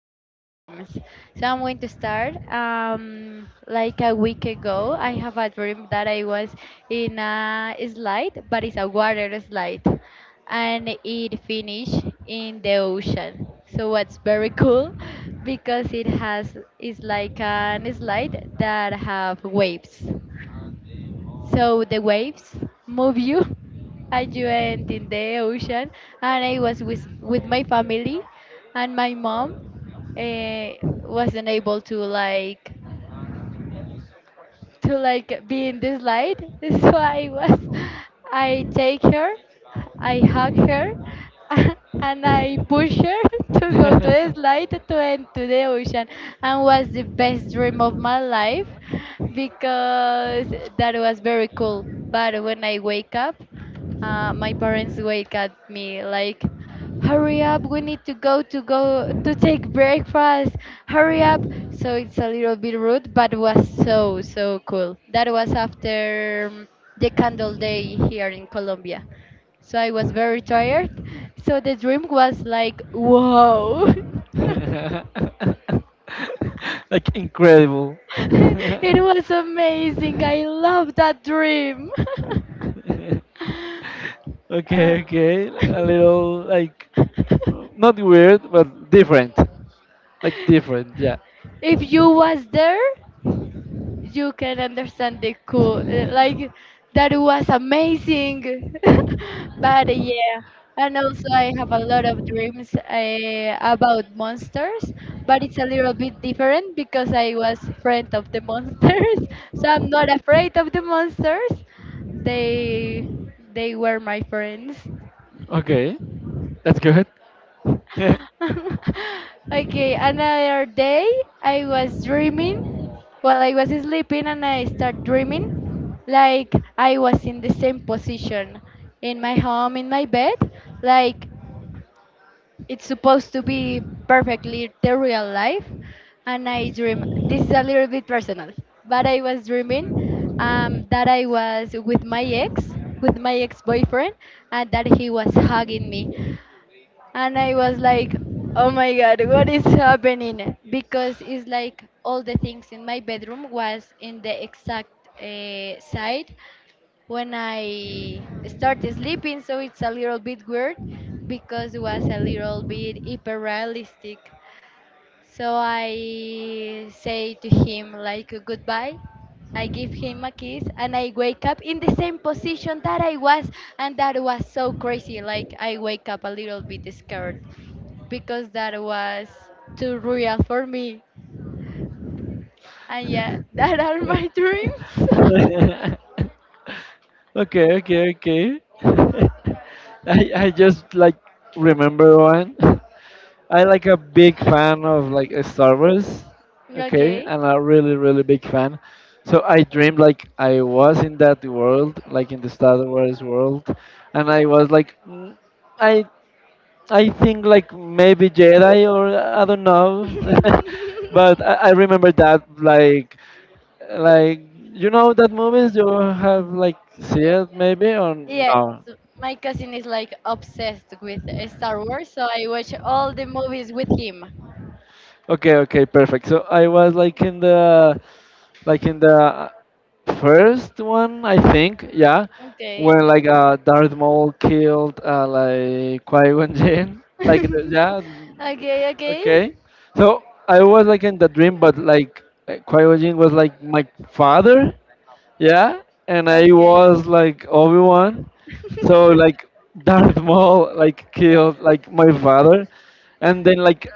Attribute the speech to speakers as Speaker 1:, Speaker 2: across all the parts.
Speaker 1: our dreams. So I'm going to start. Like a week ago, I have a dream that I was in a slide, but it's a water slide, and it finished in the ocean. So what's very cool because it's like an slide that have waves. So the waves move you and you end in the ocean. And I was with my family and my mom uh, wasn't able to like be in this light. So I take her, I hug her, and I push her to go to the slide to end to the ocean, and was the best dream of my life because that was very cool. But when I wake up. My parents wake at me like, "Hurry up! We need to go to take breakfast. Hurry up!" So it's a little bit rude, but was so cool. That was after the Candle Day here in Colombia. So I was very tired. So the dream was like, "Whoa!"
Speaker 2: Like incredible.
Speaker 1: It was amazing. I love that dream. Uh,
Speaker 2: Okay, okay. A little like not weird but different. Like different, yeah.
Speaker 1: if you was there you can understand the cool like that was amazing but yeah, and also I have a lot of dreams about monsters, but it's a little bit different because I was friend of the monsters. So I'm not afraid of the monsters. They they were my friends.
Speaker 2: Okay. That's good.
Speaker 1: Okay, another day I was dreaming. Well, I was sleeping and I start dreaming like I was in the same position in my home, in my bed. Like it's supposed to be perfectly the real life. And I dream, this is a little bit personal, but I was dreaming that I was with my ex boyfriend, and that he was hugging me and I was like, oh my God, what is happening? Because it's like all the things in my bedroom was in the exact side when I started sleeping, so it's a little bit weird because it was a little bit hyperrealistic. So I say to him like goodbye. I give him a kiss and I wake up in the same position that I was, and that was so crazy. Like I wake up a little bit scared because that was too real for me. And yeah, that are my dreams.
Speaker 2: Okay, okay, okay. I just like remember one. I like a big fan of like Star Wars. Okay,
Speaker 1: Okay.
Speaker 2: and a really really big fan. So I dreamed like I was in that world, like in the Star Wars world, and I was like, "Mm, I I think like maybe Jedi or I don't know," but I remember that like you know that movies you have like see it maybe or
Speaker 1: Yes,
Speaker 2: no?
Speaker 1: my cousin is like obsessed with Star Wars, so I watch all the movies with him.
Speaker 2: Okay, okay, perfect. So I was like in the like in the first one, I think, yeah,
Speaker 1: Okay.
Speaker 2: where like Darth Maul killed like Qui-Gon Jinn, like the,
Speaker 1: Okay,
Speaker 2: yeah,
Speaker 1: okay.
Speaker 2: okay. So I was like in the dream, but like Qui-Gon Jinn was like my father, yeah, and I
Speaker 1: Okay.
Speaker 2: was like Obi Wan, so like Darth Maul like killed like my father, and then like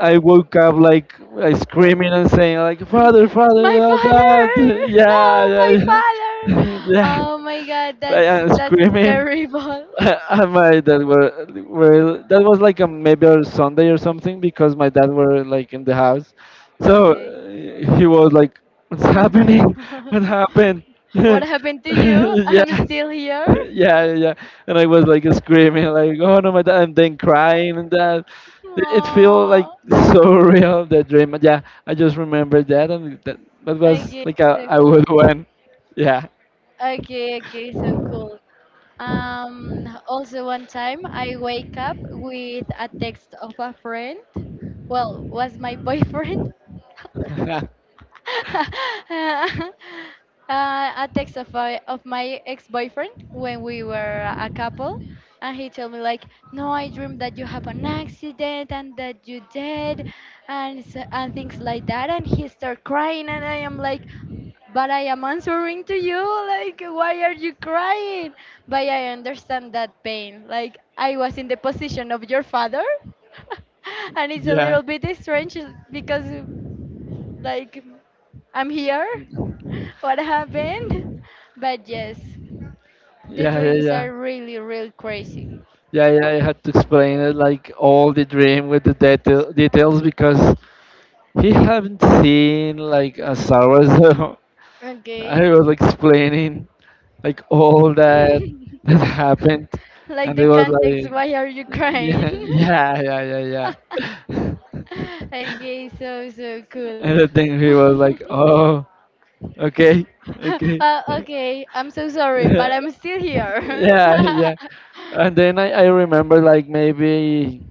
Speaker 2: I woke up like screaming and saying like Father, Father,
Speaker 1: My
Speaker 2: not that,
Speaker 1: father!
Speaker 2: yeah,
Speaker 1: No, my
Speaker 2: yeah, yeah,
Speaker 1: father!
Speaker 2: yeah,
Speaker 1: Oh my God,
Speaker 2: like,
Speaker 1: that's
Speaker 2: I'm
Speaker 1: that's
Speaker 2: screaming,
Speaker 1: terrible.
Speaker 2: and my dad were that was like a maybe a Sunday or something because my dad were like in the house, so
Speaker 1: Okay.
Speaker 2: he was like, "What's happening? What happened?"
Speaker 1: What happened to you?
Speaker 2: Yeah,
Speaker 1: I'm still here.
Speaker 2: yeah, yeah, and I was like screaming like, "Oh no, my dad!" and then crying and that. It feels like
Speaker 1: Oh,
Speaker 2: so real that dream. Yeah, I just remembered that, that was
Speaker 1: okay,
Speaker 2: like
Speaker 1: so
Speaker 2: a
Speaker 1: cool.
Speaker 2: good one. Yeah.
Speaker 1: Okay, okay, so cool. Also, one time I wake up with a text of a friend. Well, was my boyfriend.
Speaker 2: Yeah.
Speaker 1: uh, a text of my ex-boyfriend when we were a couple, and he told me like, no, I dreamed that you have an accident and that you dead, and things like that, and he start crying and I am like, but I am answering to you. Like, why are you crying? But I understand that pain. Like, I was in the position of your father. And it's a
Speaker 2: Yeah.
Speaker 1: little bit strange because like I'm here.
Speaker 2: Mm.
Speaker 1: What happened? But yes, the
Speaker 2: Yeah, yeah,
Speaker 1: dreams
Speaker 2: yeah.
Speaker 1: are really, really crazy.
Speaker 2: Yeah, yeah, I had to explain it like all the dream with the details because he haven't seen like a Star Wars, so
Speaker 1: Okay.
Speaker 2: I was explaining like all that happened,
Speaker 1: Like
Speaker 2: and
Speaker 1: the
Speaker 2: it was
Speaker 1: context,
Speaker 2: like,
Speaker 1: why are you
Speaker 2: yeah,
Speaker 1: crying?
Speaker 2: yeah, yeah, yeah, yeah.
Speaker 1: Okay, so, so cool.
Speaker 2: And I think he was like, oh, okay, okay.
Speaker 1: Okay, I'm so sorry, but
Speaker 2: Yeah,
Speaker 1: I'm still here.
Speaker 2: yeah. And then I remember like maybe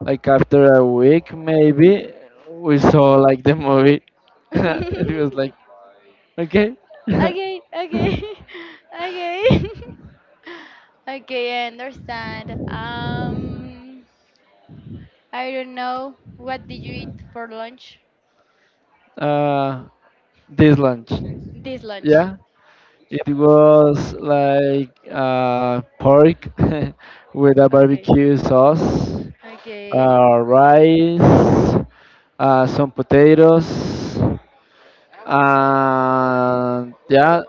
Speaker 2: like after a week maybe we saw like the movie. It was like okay.
Speaker 1: Okay, okay, okay. Okay, I understand. I don't know. What did you eat for lunch?
Speaker 2: uh this lunch,
Speaker 1: This lunch.
Speaker 2: yeah, it was like pork with a
Speaker 1: Okay,
Speaker 2: barbecue sauce,
Speaker 1: okay,
Speaker 2: rice, some potatoes, and yeah,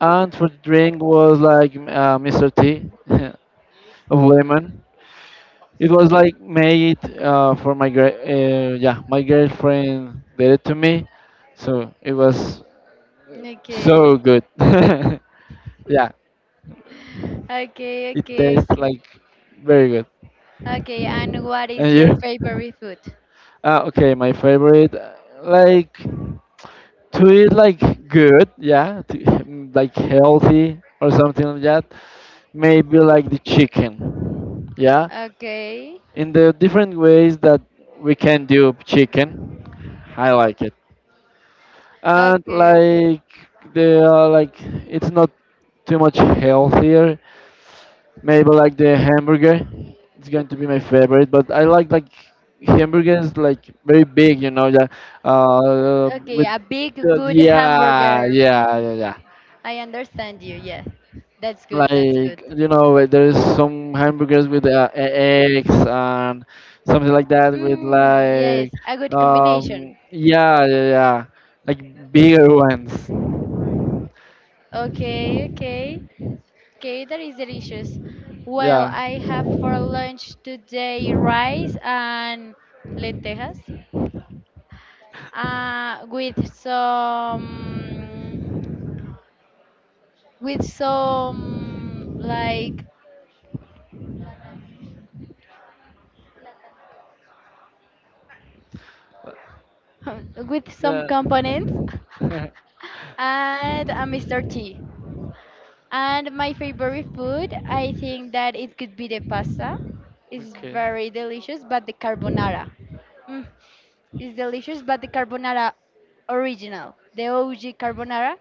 Speaker 2: and for drink was like mr t of lemon. It was like made for my yeah, my girlfriend did it to me, so it was so
Speaker 1: okay,
Speaker 2: good. Yeah,
Speaker 1: okay,
Speaker 2: it
Speaker 1: okay,
Speaker 2: tastes
Speaker 1: okay.
Speaker 2: like very good.
Speaker 1: Okay, and what is
Speaker 2: And
Speaker 1: your
Speaker 2: you?
Speaker 1: favorite food?
Speaker 2: Okay, my favorite like to eat like good, yeah, to, like healthy or something like that. Maybe like the chicken, yeah,
Speaker 1: Okay,
Speaker 2: in the different ways that we can do chicken. I like and
Speaker 1: okay, okay.
Speaker 2: like they are like it's not too much healthier. Maybe like the hamburger it's going to be my favorite, but I like hamburgers like very big, you know, yeah,
Speaker 1: Okay,
Speaker 2: with
Speaker 1: a big,
Speaker 2: the,
Speaker 1: good
Speaker 2: yeah,
Speaker 1: hamburger.
Speaker 2: yeah,
Speaker 1: Hmm.
Speaker 2: yeah, yeah,
Speaker 1: I understand you, yeah. That's good, that's good.
Speaker 2: like you know where there's some hamburgers with eggs and something like that, with
Speaker 1: Mm,
Speaker 2: like
Speaker 1: yes, a good combination.
Speaker 2: yeah, yeah, yeah, like bigger ones,
Speaker 1: Okay, okay, okay, that is delicious. Well,
Speaker 2: yeah,
Speaker 1: I have for lunch today rice and lentejas, uh, with some, with some like, with some
Speaker 2: yeah.
Speaker 1: components, and a Mr. T. And my favorite food, I think that it could be the pasta. It's
Speaker 2: Okay,
Speaker 1: very delicious, but the carbonara. Mm, it's delicious, but the carbonara original, the OG carbonara,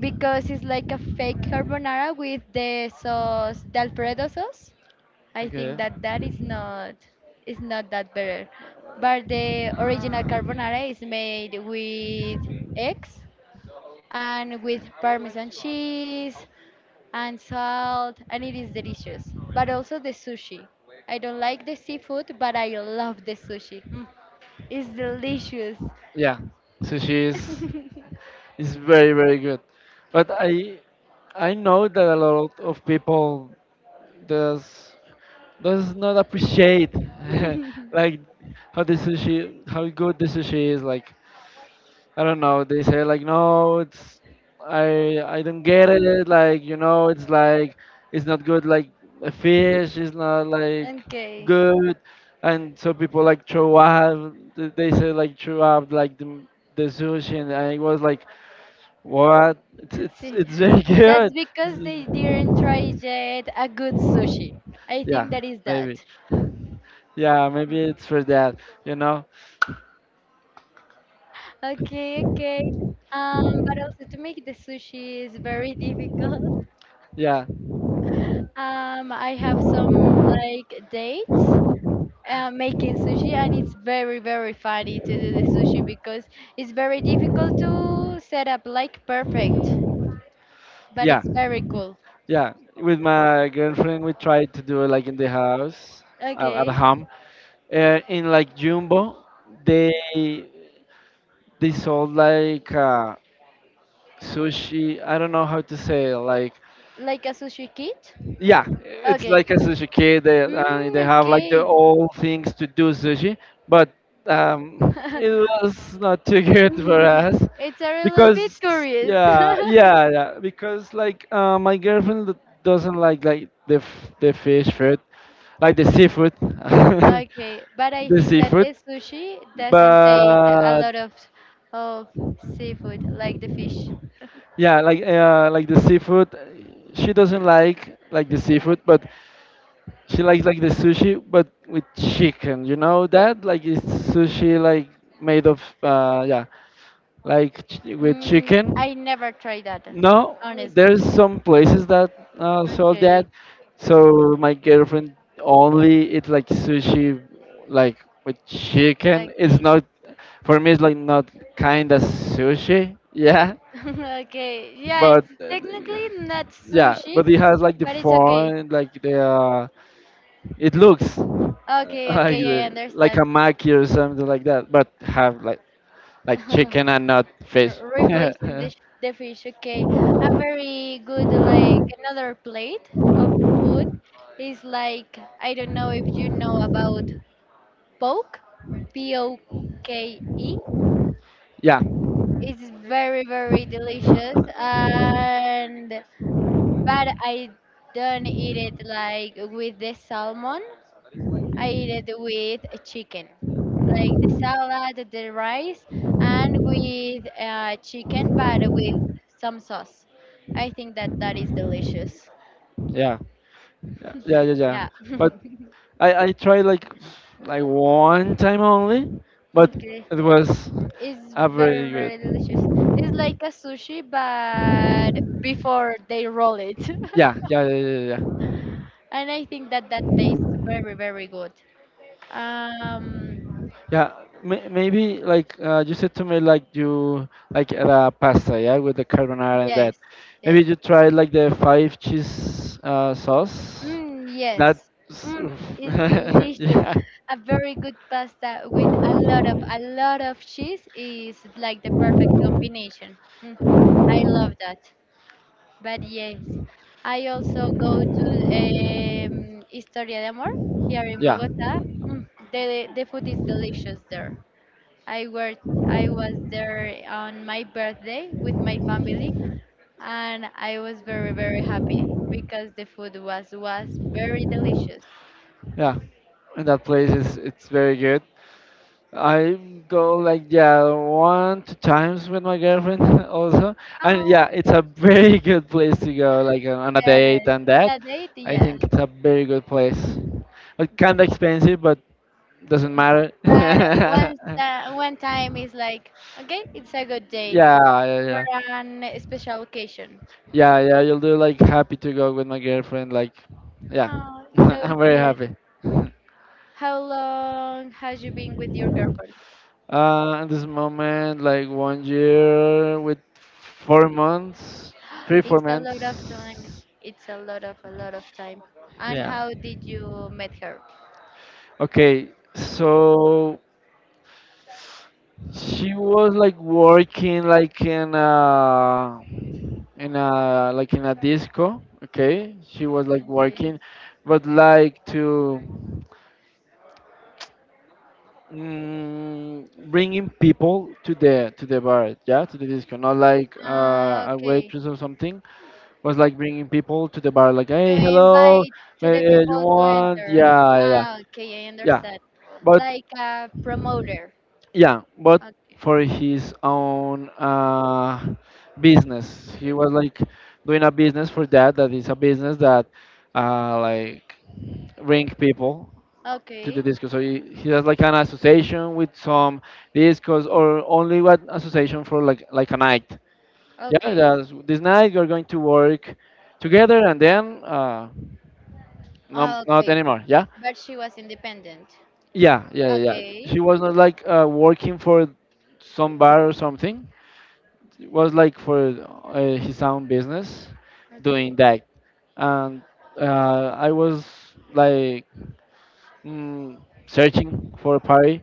Speaker 1: because it's like a fake carbonara with the sauce, the Alfredo sauce. I
Speaker 2: okay.
Speaker 1: think that that is not that better. But the original carbonara is made with eggs and with parmesan cheese and salt, and it is delicious. But also the sushi. I don't like the seafood, but I love the sushi. Mm, it's delicious.
Speaker 2: Yeah. Sushi is very very good. But I know that a lot of people does does not appreciate like how the sushi how good the sushi is, like I don't know. They say like, no, it's I don't get it. Like you know, it's not good. Like a fish is not like
Speaker 1: Okay.
Speaker 2: good, and so people like throw up. They say like throw up like the sushi, and I was like, what? It's
Speaker 1: Let's
Speaker 2: it's
Speaker 1: see,
Speaker 2: it's very
Speaker 1: that's
Speaker 2: good.
Speaker 1: because they didn't try yet a good sushi. I
Speaker 2: Yeah,
Speaker 1: think that is that.
Speaker 2: maybe. Yeah, maybe it's for that. You know?
Speaker 1: Okay, okay. But also, to make the sushi is very difficult.
Speaker 2: Yeah,
Speaker 1: I have some like dates making sushi, and it's very very funny to do the sushi because it's very difficult to set up like perfect, but
Speaker 2: yeah.
Speaker 1: it's very cool.
Speaker 2: Yeah, with my girlfriend, we tried to do it like in the house, at
Speaker 1: Okay,
Speaker 2: home. In like Jumbo, they they sold like sushi. I don't know how to say it, like
Speaker 1: like a sushi kit.
Speaker 2: yeah, it's
Speaker 1: Okay.
Speaker 2: like a sushi kid. They
Speaker 1: Mm,
Speaker 2: have like the
Speaker 1: okay.
Speaker 2: old things to do sushi, but it was not too good for us
Speaker 1: It's a little bit
Speaker 2: because
Speaker 1: curious.
Speaker 2: yeah, yeah, yeah. Because like my girlfriend doesn't like the the fish food, like the seafood,
Speaker 1: Okay, but I
Speaker 2: the
Speaker 1: think that
Speaker 2: seafood.
Speaker 1: the sushi doesn't take a
Speaker 2: But
Speaker 1: lot of seafood like the fish.
Speaker 2: yeah, like the seafood, she doesn't like the seafood, but she likes like the sushi, but with chicken. You know that? Like it's sushi like made of like with chicken.
Speaker 1: I never tried that,
Speaker 2: No,
Speaker 1: honestly.
Speaker 2: there's some places that sell that.
Speaker 1: Okay.
Speaker 2: So my girlfriend only eat like sushi, like with chicken. It's
Speaker 1: Okay.
Speaker 2: not for me. It's like not kind of sushi. Yeah,
Speaker 1: Okay. Yeah,
Speaker 2: but
Speaker 1: it's
Speaker 2: uh,
Speaker 1: technically not
Speaker 2: yeah,
Speaker 1: sushi,
Speaker 2: but it has like the
Speaker 1: but it's okay.
Speaker 2: form, like the it looks
Speaker 1: Okay,
Speaker 2: like
Speaker 1: okay, I
Speaker 2: the, like a
Speaker 1: understand.
Speaker 2: maki or something like that, but have like chicken and not fish.
Speaker 1: Replacing
Speaker 2: Yeah,
Speaker 1: the fish, okay. A very good, like, another plate of food is like, I don't know if you know about poke, P O K E.
Speaker 2: yeah,
Speaker 1: It's very, very delicious, and but I don't eat it like with the salmon. I eat it with a chicken, like the salad, the rice, and with chicken, but with some sauce. I think that that is delicious.
Speaker 2: yeah, yeah, yeah, yeah.
Speaker 1: Yeah.
Speaker 2: But I tried like one time only, but
Speaker 1: Okay.
Speaker 2: it was
Speaker 1: It's
Speaker 2: a
Speaker 1: very
Speaker 2: very good.
Speaker 1: very delicious. It's like a sushi, but before they roll it,
Speaker 2: Yeah, yeah, yeah, yeah, yeah. Yeah.
Speaker 1: and I think that that tastes very very good. Um,
Speaker 2: Yeah, maybe like you said to me like you like the pasta, yeah, with the carbonara and that.
Speaker 1: Yes, yes.
Speaker 2: Maybe you try like the five cheese sauce.
Speaker 1: Mm,
Speaker 2: That's
Speaker 1: yes. Mm, it's delicious.
Speaker 2: yeah,
Speaker 1: A very good pasta with a lot of cheese is like the perfect combination. Mm, I love that. But yes, I also go to Historia de Amor here in
Speaker 2: yeah,
Speaker 1: Bogota. Mm, the food is delicious there. I were I was there on my birthday with my family, and I was very very happy because the food was very delicious.
Speaker 2: yeah. And that place is it's very good. I go like yeah one two times with my girlfriend, also, and yeah,
Speaker 1: Oh,
Speaker 2: it's a very good place to go like on a date
Speaker 1: yes,
Speaker 2: and that.
Speaker 1: on a date,
Speaker 2: I
Speaker 1: yeah.
Speaker 2: think it's a very good place. It's kind of expensive, but doesn't matter.
Speaker 1: But
Speaker 2: Yeah,
Speaker 1: once that one time is like, okay, it's a good date
Speaker 2: yeah,
Speaker 1: for
Speaker 2: yeah,
Speaker 1: an special occasion.
Speaker 2: yeah, yeah. You'll do like happy to go with my girlfriend. Like, yeah,
Speaker 1: Oh, so
Speaker 2: I'm very
Speaker 1: cute.
Speaker 2: happy.
Speaker 1: How long has you been with your girlfriend?
Speaker 2: At this moment, like 1 year with 4 months, three, four
Speaker 1: It's a lot of time.
Speaker 2: months.
Speaker 1: It's a lot of time. And
Speaker 2: Yeah.
Speaker 1: how did you met her?
Speaker 2: Okay, so she was like working like in a disco. Okay, she was like
Speaker 1: Okay.
Speaker 2: working, but like to bringing people to the bar, yeah, to the disco. Not like
Speaker 1: Ah,
Speaker 2: a
Speaker 1: okay.
Speaker 2: waitress or something. Was like bringing people to the bar, like
Speaker 1: To
Speaker 2: hey, hello,
Speaker 1: invite to the
Speaker 2: you
Speaker 1: people to
Speaker 2: want?
Speaker 1: enter.
Speaker 2: Yeah, yeah, yeah.
Speaker 1: Ah, okay, I
Speaker 2: Yeah,
Speaker 1: understand.
Speaker 2: but.
Speaker 1: Like a promoter.
Speaker 2: Yeah, but
Speaker 1: Okay,
Speaker 2: for his own business, he was like doing a business for that. That is a business that like bring people to
Speaker 1: okay,
Speaker 2: the disco. So he has like an association with some discos or only one association for a night. Yeah,
Speaker 1: okay,
Speaker 2: that's, this night you're going to work together, and then no,
Speaker 1: ah,
Speaker 2: not
Speaker 1: okay.
Speaker 2: anymore. Yeah,
Speaker 1: But she was independent.
Speaker 2: yeah, yeah, yeah. Yeah.
Speaker 1: Okay,
Speaker 2: She was not like working for some bar or something. It was like for his own business doing
Speaker 1: okay.
Speaker 2: that, and I was like mm, searching for a party,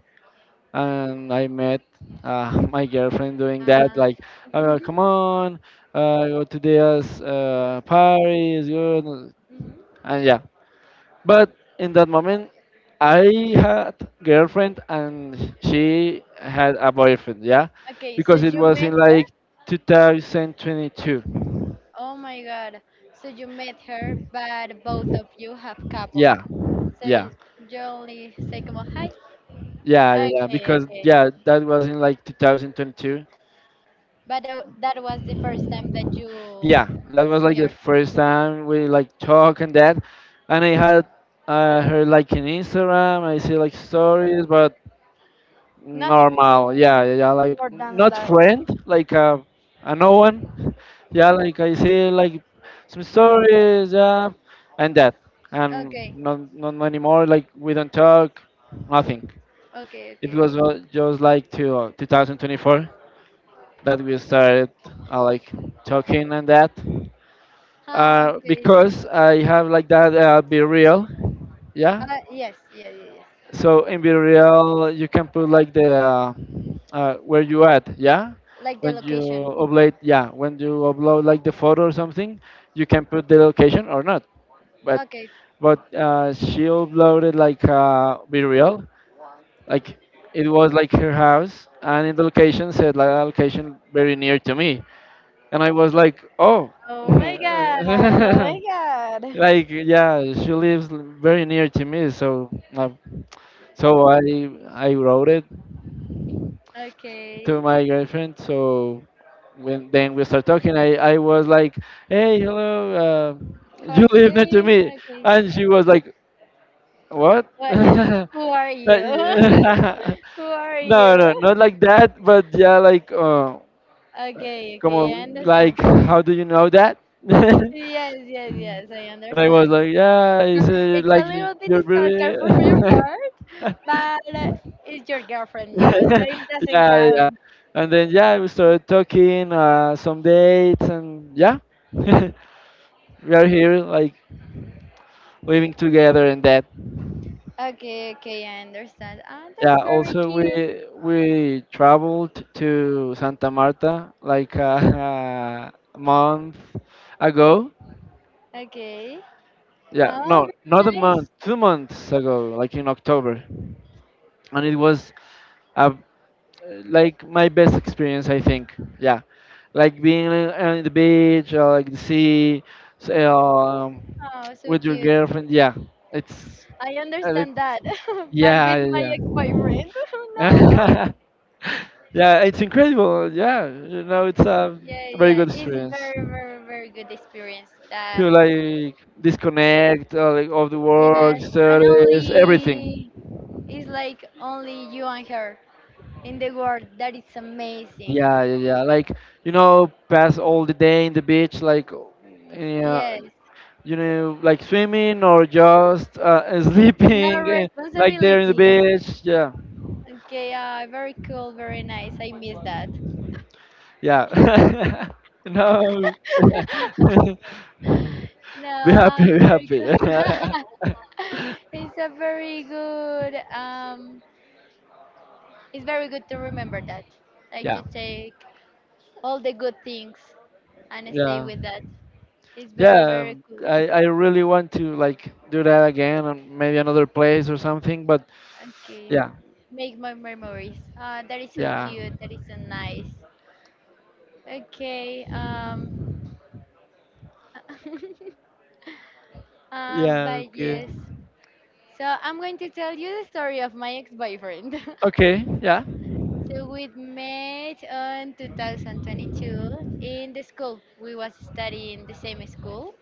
Speaker 2: and I met my girlfriend doing that
Speaker 1: Uh,
Speaker 2: like come on, go to this party, is good,
Speaker 1: mhm.
Speaker 2: and yeah, but in that moment I had girlfriend and she had a boyfriend, yeah,
Speaker 1: Okay, so
Speaker 2: because it
Speaker 1: you
Speaker 2: was in
Speaker 1: met her?
Speaker 2: like 2022.
Speaker 1: Oh my God. So you met her, but both of you have couple.
Speaker 2: Yeah,
Speaker 1: So
Speaker 2: yeah,
Speaker 1: you only say como hi.
Speaker 2: yeah, yeah, yeah,
Speaker 1: Okay,
Speaker 2: because
Speaker 1: okay.
Speaker 2: yeah, that was in like 2022.
Speaker 1: But that was the first time that you
Speaker 2: Yeah, that was like
Speaker 1: see
Speaker 2: the
Speaker 1: her.
Speaker 2: first time we like talk and that, and I had her like in Instagram. I see like stories, but normal.
Speaker 1: Nothing
Speaker 2: Yeah, yeah, yeah, like
Speaker 1: more than
Speaker 2: not
Speaker 1: love.
Speaker 2: friend, like a no one. Yeah, like I see like some stories, yeah, and that,
Speaker 1: Okay,
Speaker 2: and not anymore. Like we don't talk, nothing.
Speaker 1: okay,
Speaker 2: It
Speaker 1: okay, okay.
Speaker 2: was just like to 2024, that we started like talking and that,
Speaker 1: Ah, okay.
Speaker 2: because I have like that be real, yeah.
Speaker 1: Yes, yeah, yeah, yes.
Speaker 2: So in be real, you can put like the where you at, yeah.
Speaker 1: Like the
Speaker 2: When you
Speaker 1: location.
Speaker 2: upload, yeah, when you upload like the photo or something, you can put the location or not. But
Speaker 1: Okay,
Speaker 2: she uploaded like be real, like it was like her house, and in the location said like a location very near to me, and I was like, oh,
Speaker 1: oh my God, oh my God.
Speaker 2: like yeah, she lives very near to me, so uh, I wrote it to
Speaker 1: Okay.
Speaker 2: my girlfriend. So when then we start talking, I was like, hey, hello,
Speaker 1: How are
Speaker 2: you
Speaker 1: you
Speaker 2: live near to
Speaker 1: doing?
Speaker 2: me,
Speaker 1: Okay.
Speaker 2: and she was like, what?
Speaker 1: What? Who are you?
Speaker 2: Yeah.
Speaker 1: Who are
Speaker 2: No, no,
Speaker 1: you?
Speaker 2: not like that, but yeah, like
Speaker 1: Okay,
Speaker 2: come
Speaker 1: okay, I
Speaker 2: on,
Speaker 1: understand.
Speaker 2: like how do you know that?
Speaker 1: Yes, yes, yes, I
Speaker 2: And I was
Speaker 1: understand.
Speaker 2: like, yeah, it's
Speaker 1: It's a
Speaker 2: like
Speaker 1: little bit
Speaker 2: you're
Speaker 1: stalker from your
Speaker 2: very.
Speaker 1: part, but it's your girlfriend now, so it doesn't
Speaker 2: Yeah, yeah.
Speaker 1: count.
Speaker 2: And then, yeah, we started talking, some dates, and yeah, we are here, like living together and that.
Speaker 1: Okay, okay, I understand. Ah, that's
Speaker 2: Yeah,
Speaker 1: very
Speaker 2: also,
Speaker 1: cute.
Speaker 2: we traveled to Santa Marta like a month ago.
Speaker 1: Okay.
Speaker 2: Yeah,
Speaker 1: Oh,
Speaker 2: no, not a
Speaker 1: very nice.
Speaker 2: month, 2 months ago, like in October. And it was a like my best experience, I think, yeah, like being on the beach or like the sea, s- um,
Speaker 1: Oh, so
Speaker 2: with your
Speaker 1: cute.
Speaker 2: girlfriend, yeah, it's
Speaker 1: I
Speaker 2: uh, it's
Speaker 1: understand that, but
Speaker 2: yeah,
Speaker 1: with my
Speaker 2: yeah,
Speaker 1: ex-boyfriend, no.
Speaker 2: yeah. Yeah, it's incredible, yeah, you know it's a
Speaker 1: Yeah,
Speaker 2: very
Speaker 1: yeah,
Speaker 2: good
Speaker 1: it's
Speaker 2: experience
Speaker 1: very, very, very good experience. That
Speaker 2: to like disconnect, like of the work
Speaker 1: yes, and
Speaker 2: studies, everything,
Speaker 1: only it's like only you and her in the world. That is amazing.
Speaker 2: yeah, yeah, yeah, like you know, pass all the day in the beach, like yeah,
Speaker 1: Yes.
Speaker 2: you know, like swimming or just
Speaker 1: No
Speaker 2: sleeping, like there in the
Speaker 1: responsibilities.
Speaker 2: beach. Yeah,
Speaker 1: Okay, very cool, very nice. I miss that.
Speaker 2: yeah. No,
Speaker 1: No,
Speaker 2: be happy, be
Speaker 1: very
Speaker 2: happy.
Speaker 1: good. It's a very good, um, it's very good to remember that. Like
Speaker 2: Yeah,
Speaker 1: to take all the good things and stay
Speaker 2: yeah,
Speaker 1: with that. It's very,
Speaker 2: yeah.
Speaker 1: very good.
Speaker 2: I really want to like do that again, and maybe another place or something. But
Speaker 1: Okay,
Speaker 2: yeah,
Speaker 1: make my memories. Ah, that is so
Speaker 2: yeah,
Speaker 1: cute. That is so nice. Okay,
Speaker 2: yeah.
Speaker 1: but
Speaker 2: Okay,
Speaker 1: yes. So I'm going to tell you the story of my ex-boyfriend.
Speaker 2: okay. Yeah,
Speaker 1: So we met on 2022 in the school. We was studying the same school,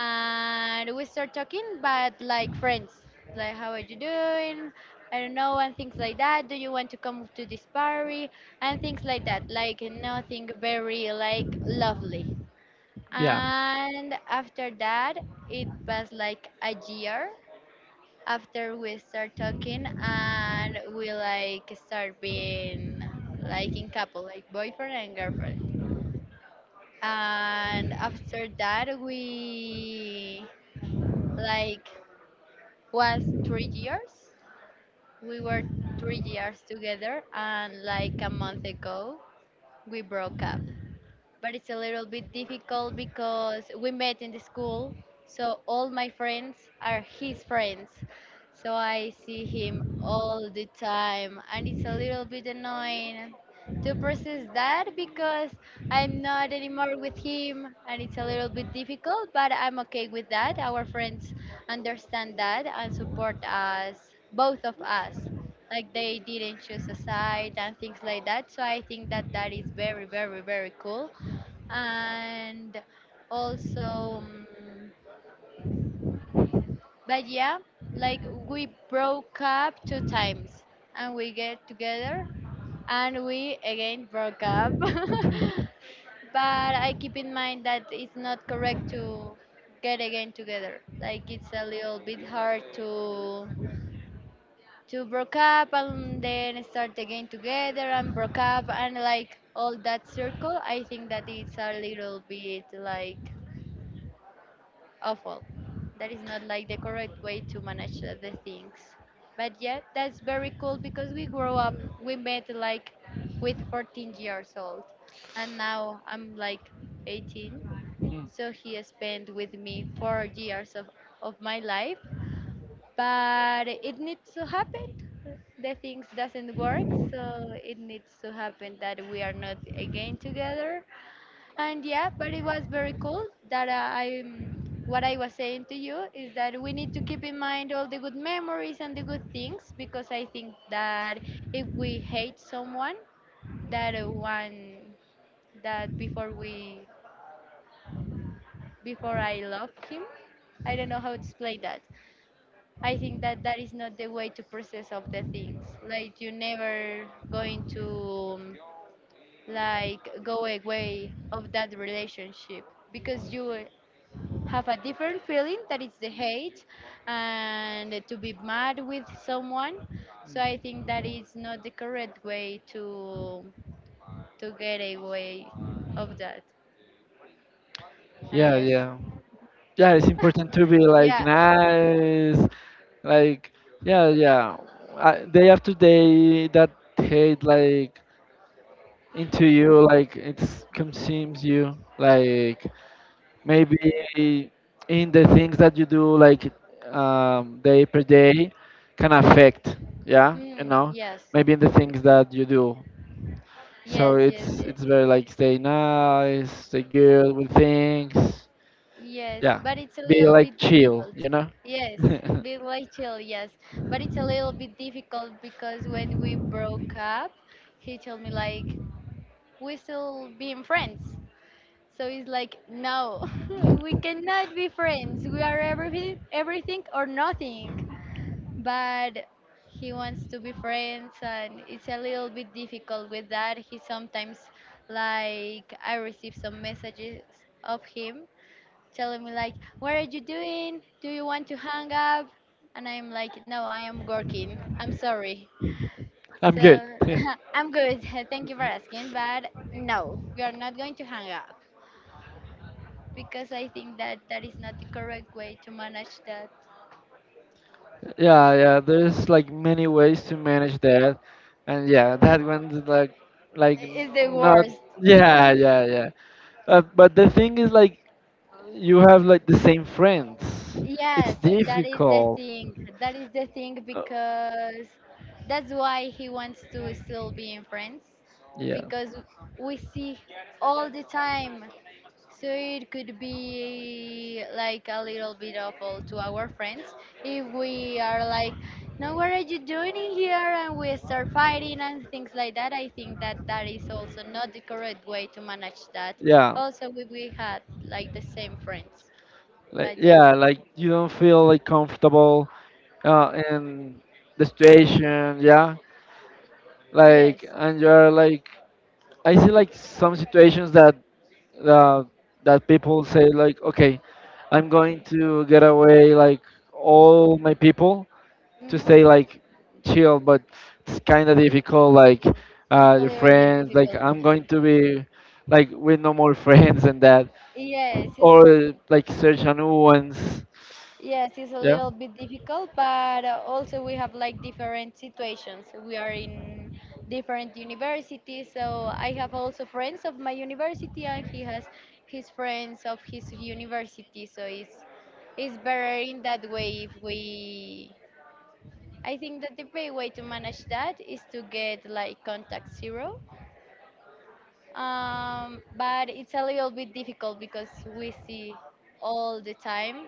Speaker 1: and we start talking, but like friends, like how are you doing? I don't know, and things like that. Do you want to come to this party? And things like that. Like nothing very like lovely.
Speaker 2: yeah.
Speaker 1: And after that, it was like a year after we start talking and we like start being like in couple like boyfriend and girlfriend, and after that we like was three years we were 3 years together, and like a month ago we broke up, but it's a little bit difficult because we met in the school, so all my friends are his friends. So I see him all the time, and it's a little bit annoying to process that because I'm not anymore with him, and it's a little bit difficult, but I'm okay with that. Our friends understand that and support us, both of us. Like they didn't choose a side and things like that. So I think that that is very, very, very cool and also but yeah like we broke up 2 times and we get together and we again broke up but I keep in mind that it's not correct to get again together. Like it's a little bit hard to broke up and then start again together and broke up and like all that circle. I think that it's a little bit like awful. That is not like the correct way to manage the things. But yeah, that's very cool because we grew up, we met like with 14 years old, and now I'm like 18. So he spent with me 4 years of my life, but it needs to happen. The things doesn't work, so it needs to happen that we are not again together. And yeah, but it was very cool that what I was saying to you is that we need to keep in mind all the good memories and the good things because I think that if we hate someone, that one that before we before I love him, I don't know how to explain that. I think that that is not the way to process of the things. Like you never going to um, like go away of that relationship because you have a different feeling that it's the hate and to be mad with someone. So I think that is not the correct way to get away of that. And
Speaker 2: Yeah,
Speaker 1: yes,
Speaker 2: yeah. Yeah, it's important to be like
Speaker 1: yeah.
Speaker 2: nice, like yeah, yeah, I, day after day, that hate like into you, like it consumes you, like maybe in the things that you do, like day per day, can affect, yeah, you
Speaker 1: Mm,
Speaker 2: know,
Speaker 1: yes.
Speaker 2: maybe in the things that you do, so
Speaker 1: Yes, yes,
Speaker 2: it's
Speaker 1: yes.
Speaker 2: very like stay nice, stay good with things,
Speaker 1: Yes,
Speaker 2: yeah,
Speaker 1: but it's a
Speaker 2: be
Speaker 1: little
Speaker 2: like
Speaker 1: bit
Speaker 2: chill,
Speaker 1: difficult.
Speaker 2: you know.
Speaker 1: Yes, be like chill. Yes, but it's a little bit difficult because when we broke up he told me like we still being friends. So it's like, no, we cannot be friends. We are everything, everything or nothing. But he wants to be friends, and it's a little bit difficult with that. He sometimes, like, I receive some messages of him telling me like, "What are you doing? Do you want to hang up?" And I'm like, "No, I am working. I'm sorry."
Speaker 2: I'm good.
Speaker 1: So I'm good. Thank you for asking, but no, we are not going to hang up because I think that that is not the correct way to manage that.
Speaker 2: Yeah, yeah. There's like many ways to manage that, and yeah, that one's like,
Speaker 1: It's the
Speaker 2: not.
Speaker 1: worst.
Speaker 2: Yeah, yeah, yeah. But the thing is, like, you have like the same friends. It's
Speaker 1: Yes, that is the
Speaker 2: difficult.
Speaker 1: thing. That is the thing because that's why he wants to still be in friends
Speaker 2: Yeah,
Speaker 1: because we see all the time. So it could be like a little bit awful to our friends if we are like, now what are you doing in here? And we start fighting and things like that. I think that that is also not the correct way to manage that.
Speaker 2: yeah,
Speaker 1: Also, we had like the same friends. But yeah.
Speaker 2: yeah, like you don't feel like comfortable in the situation. Yeah, like
Speaker 1: Yes.
Speaker 2: and you're like, I see like some situations that uh, people say like okay, I'm going to get away like all my people, to
Speaker 1: Hmm.
Speaker 2: stay like chill, but it's kind of difficult, like
Speaker 1: It's a
Speaker 2: your
Speaker 1: little bit
Speaker 2: friends, like
Speaker 1: difficult,
Speaker 2: I'm
Speaker 1: yes.
Speaker 2: going to be like with no more friends and that,
Speaker 1: Yes, it's a,
Speaker 2: or like search a new ones,
Speaker 1: yes, it's a
Speaker 2: yeah.
Speaker 1: little bit difficult, but also we have like different situations. We are in different universities, so I have also friends of my university, and he has his friends of his university. So it's better in that way if we. I think that the best way to manage that is to get like contact zero. But it's a little bit difficult because we see all the time.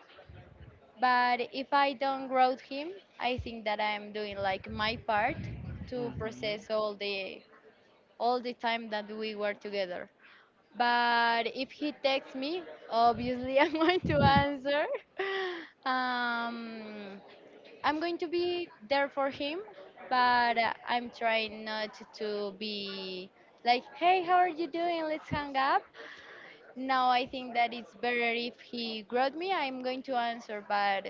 Speaker 1: But if I don't ground him, I think that I'm doing like my part to
Speaker 2: hmm
Speaker 1: process all the time that we were together. But if he texts me, obviously I'm going to answer. Um, I'm going to be there for him, but I'm trying not to be like, hey, how are you doing? Let's hang up. Now I think that it's better if he growed me. I'm going to answer, but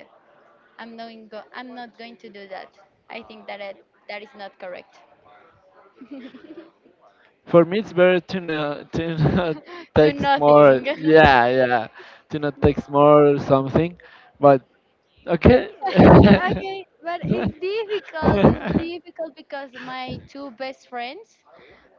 Speaker 1: I'm not. I'm not going to do that. I think that it, that is not correct.
Speaker 2: for me it's better to not
Speaker 1: Do
Speaker 2: text more,
Speaker 1: nothing.
Speaker 2: yeah, yeah, to not text more or something, but okay.
Speaker 1: Okay, but it's difficult. It's difficult because my two best friends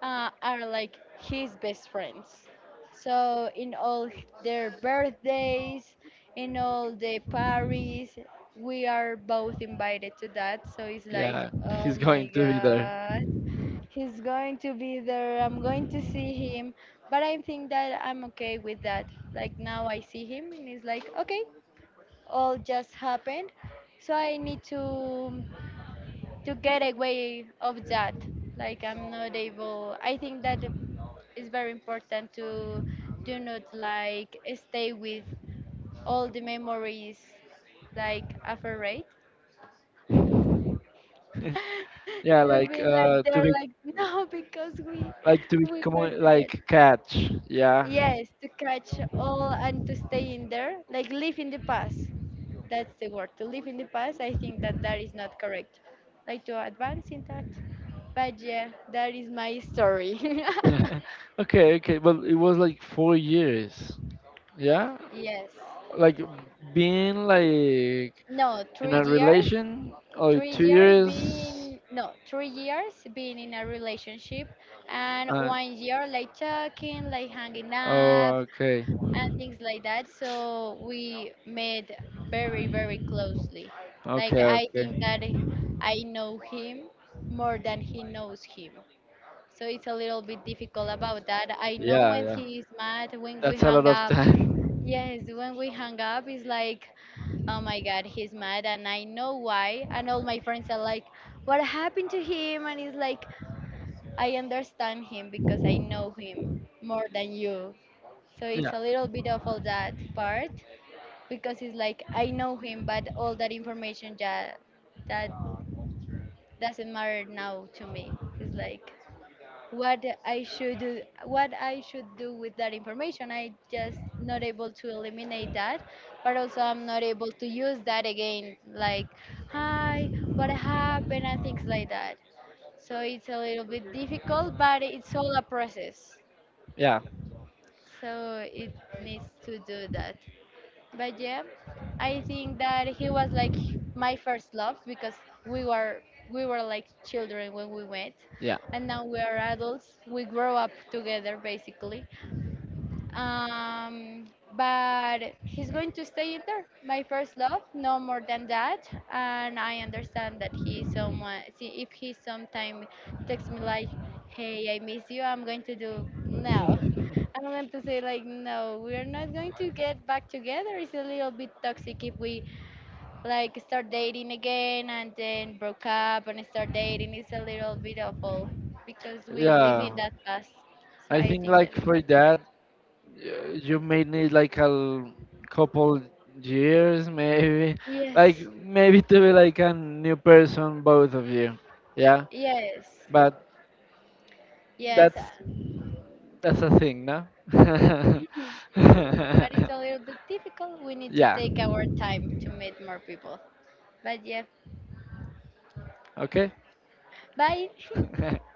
Speaker 1: are like his best friends. So in all their birthdays, in all the parties, we are both invited to that. So it's like,
Speaker 2: Yeah,
Speaker 1: oh
Speaker 2: he's
Speaker 1: my
Speaker 2: going to be there.
Speaker 1: god. He's going to be there. I'm going to see him. But I think that I'm okay with that. Like now I see him and it's like, okay, all just happened. So I need to get away of that. Like I'm not able. I think that it's very important to do not like stay with all the memories like afraid
Speaker 2: Yeah,
Speaker 1: to
Speaker 2: like
Speaker 1: be like
Speaker 2: to
Speaker 1: they're
Speaker 2: be
Speaker 1: like no because we we were
Speaker 2: common,
Speaker 1: together.
Speaker 2: like catch, yeah.
Speaker 1: Yes, to catch all and to stay in there, like live in the past. That's the word. To live in the past, I think that that is not correct. Like to advance in that. But yeah, that is my story.
Speaker 2: Okay, okay, but it was like 4 years, yeah,
Speaker 1: Yes.
Speaker 2: like being like
Speaker 1: No,
Speaker 2: in
Speaker 1: three
Speaker 2: a
Speaker 1: years.
Speaker 2: relation, or
Speaker 1: Three
Speaker 2: two
Speaker 1: years
Speaker 2: years
Speaker 1: being no, 3 years being in a relationship, and
Speaker 2: uh,
Speaker 1: one year like talking, like hanging
Speaker 2: oh,
Speaker 1: up.
Speaker 2: okay,
Speaker 1: And things like that. So we met very, very closely. Like
Speaker 2: okay,
Speaker 1: I think that
Speaker 2: okay.
Speaker 1: I know him more than he knows him. So it's a little bit difficult about that. I know
Speaker 2: Yeah,
Speaker 1: when
Speaker 2: yeah,
Speaker 1: he is mad, when we
Speaker 2: that's a
Speaker 1: hang
Speaker 2: lot of
Speaker 1: up.
Speaker 2: time.
Speaker 1: Yes, when we hang up, it's like, oh my God, he's mad, and I know why. And all my friends are like, what happened to him? And it's like, I understand him because I know him more than you. So it's
Speaker 2: Yeah,
Speaker 1: a little bit of all that part because it's like I know him, but all that information that doesn't matter now to me. It's like what I should do, what I should do with that information. I just not able to eliminate that, but also I'm not able to use that again. Like hi, what happened and things like that. So it's a little bit difficult, but it's all a process.
Speaker 2: yeah,
Speaker 1: So it needs to do that. But yeah, I think that he was like my first love because we were we were like children when we met,
Speaker 2: yeah.
Speaker 1: and now we are adults. We grow up together basically, um, but he's going to stay in there. My first love, no more than that. And I understand that he someone. See, if he sometime texts me like, "Hey, I miss you," I'm going to do no. I'm going to say like, "No, we're not going to get back together." It's a little bit toxic if we like start dating again and then broke up and start dating. It's a little bit awful because we live in
Speaker 2: Yeah.
Speaker 1: that past. So
Speaker 2: I
Speaker 1: I
Speaker 2: think
Speaker 1: think that
Speaker 2: like
Speaker 1: is not
Speaker 2: for
Speaker 1: correct.
Speaker 2: that, you may need like couple years, maybe, like
Speaker 1: Yes.
Speaker 2: maybe to be like a new person, both of you. Yeah,
Speaker 1: Yes,
Speaker 2: but
Speaker 1: yes,
Speaker 2: that's that's a thing, no?
Speaker 1: yes, but it's a little bit difficult. We need to
Speaker 2: Yeah.
Speaker 1: take our time to meet more people. But yeah,
Speaker 2: Okay.
Speaker 1: bye.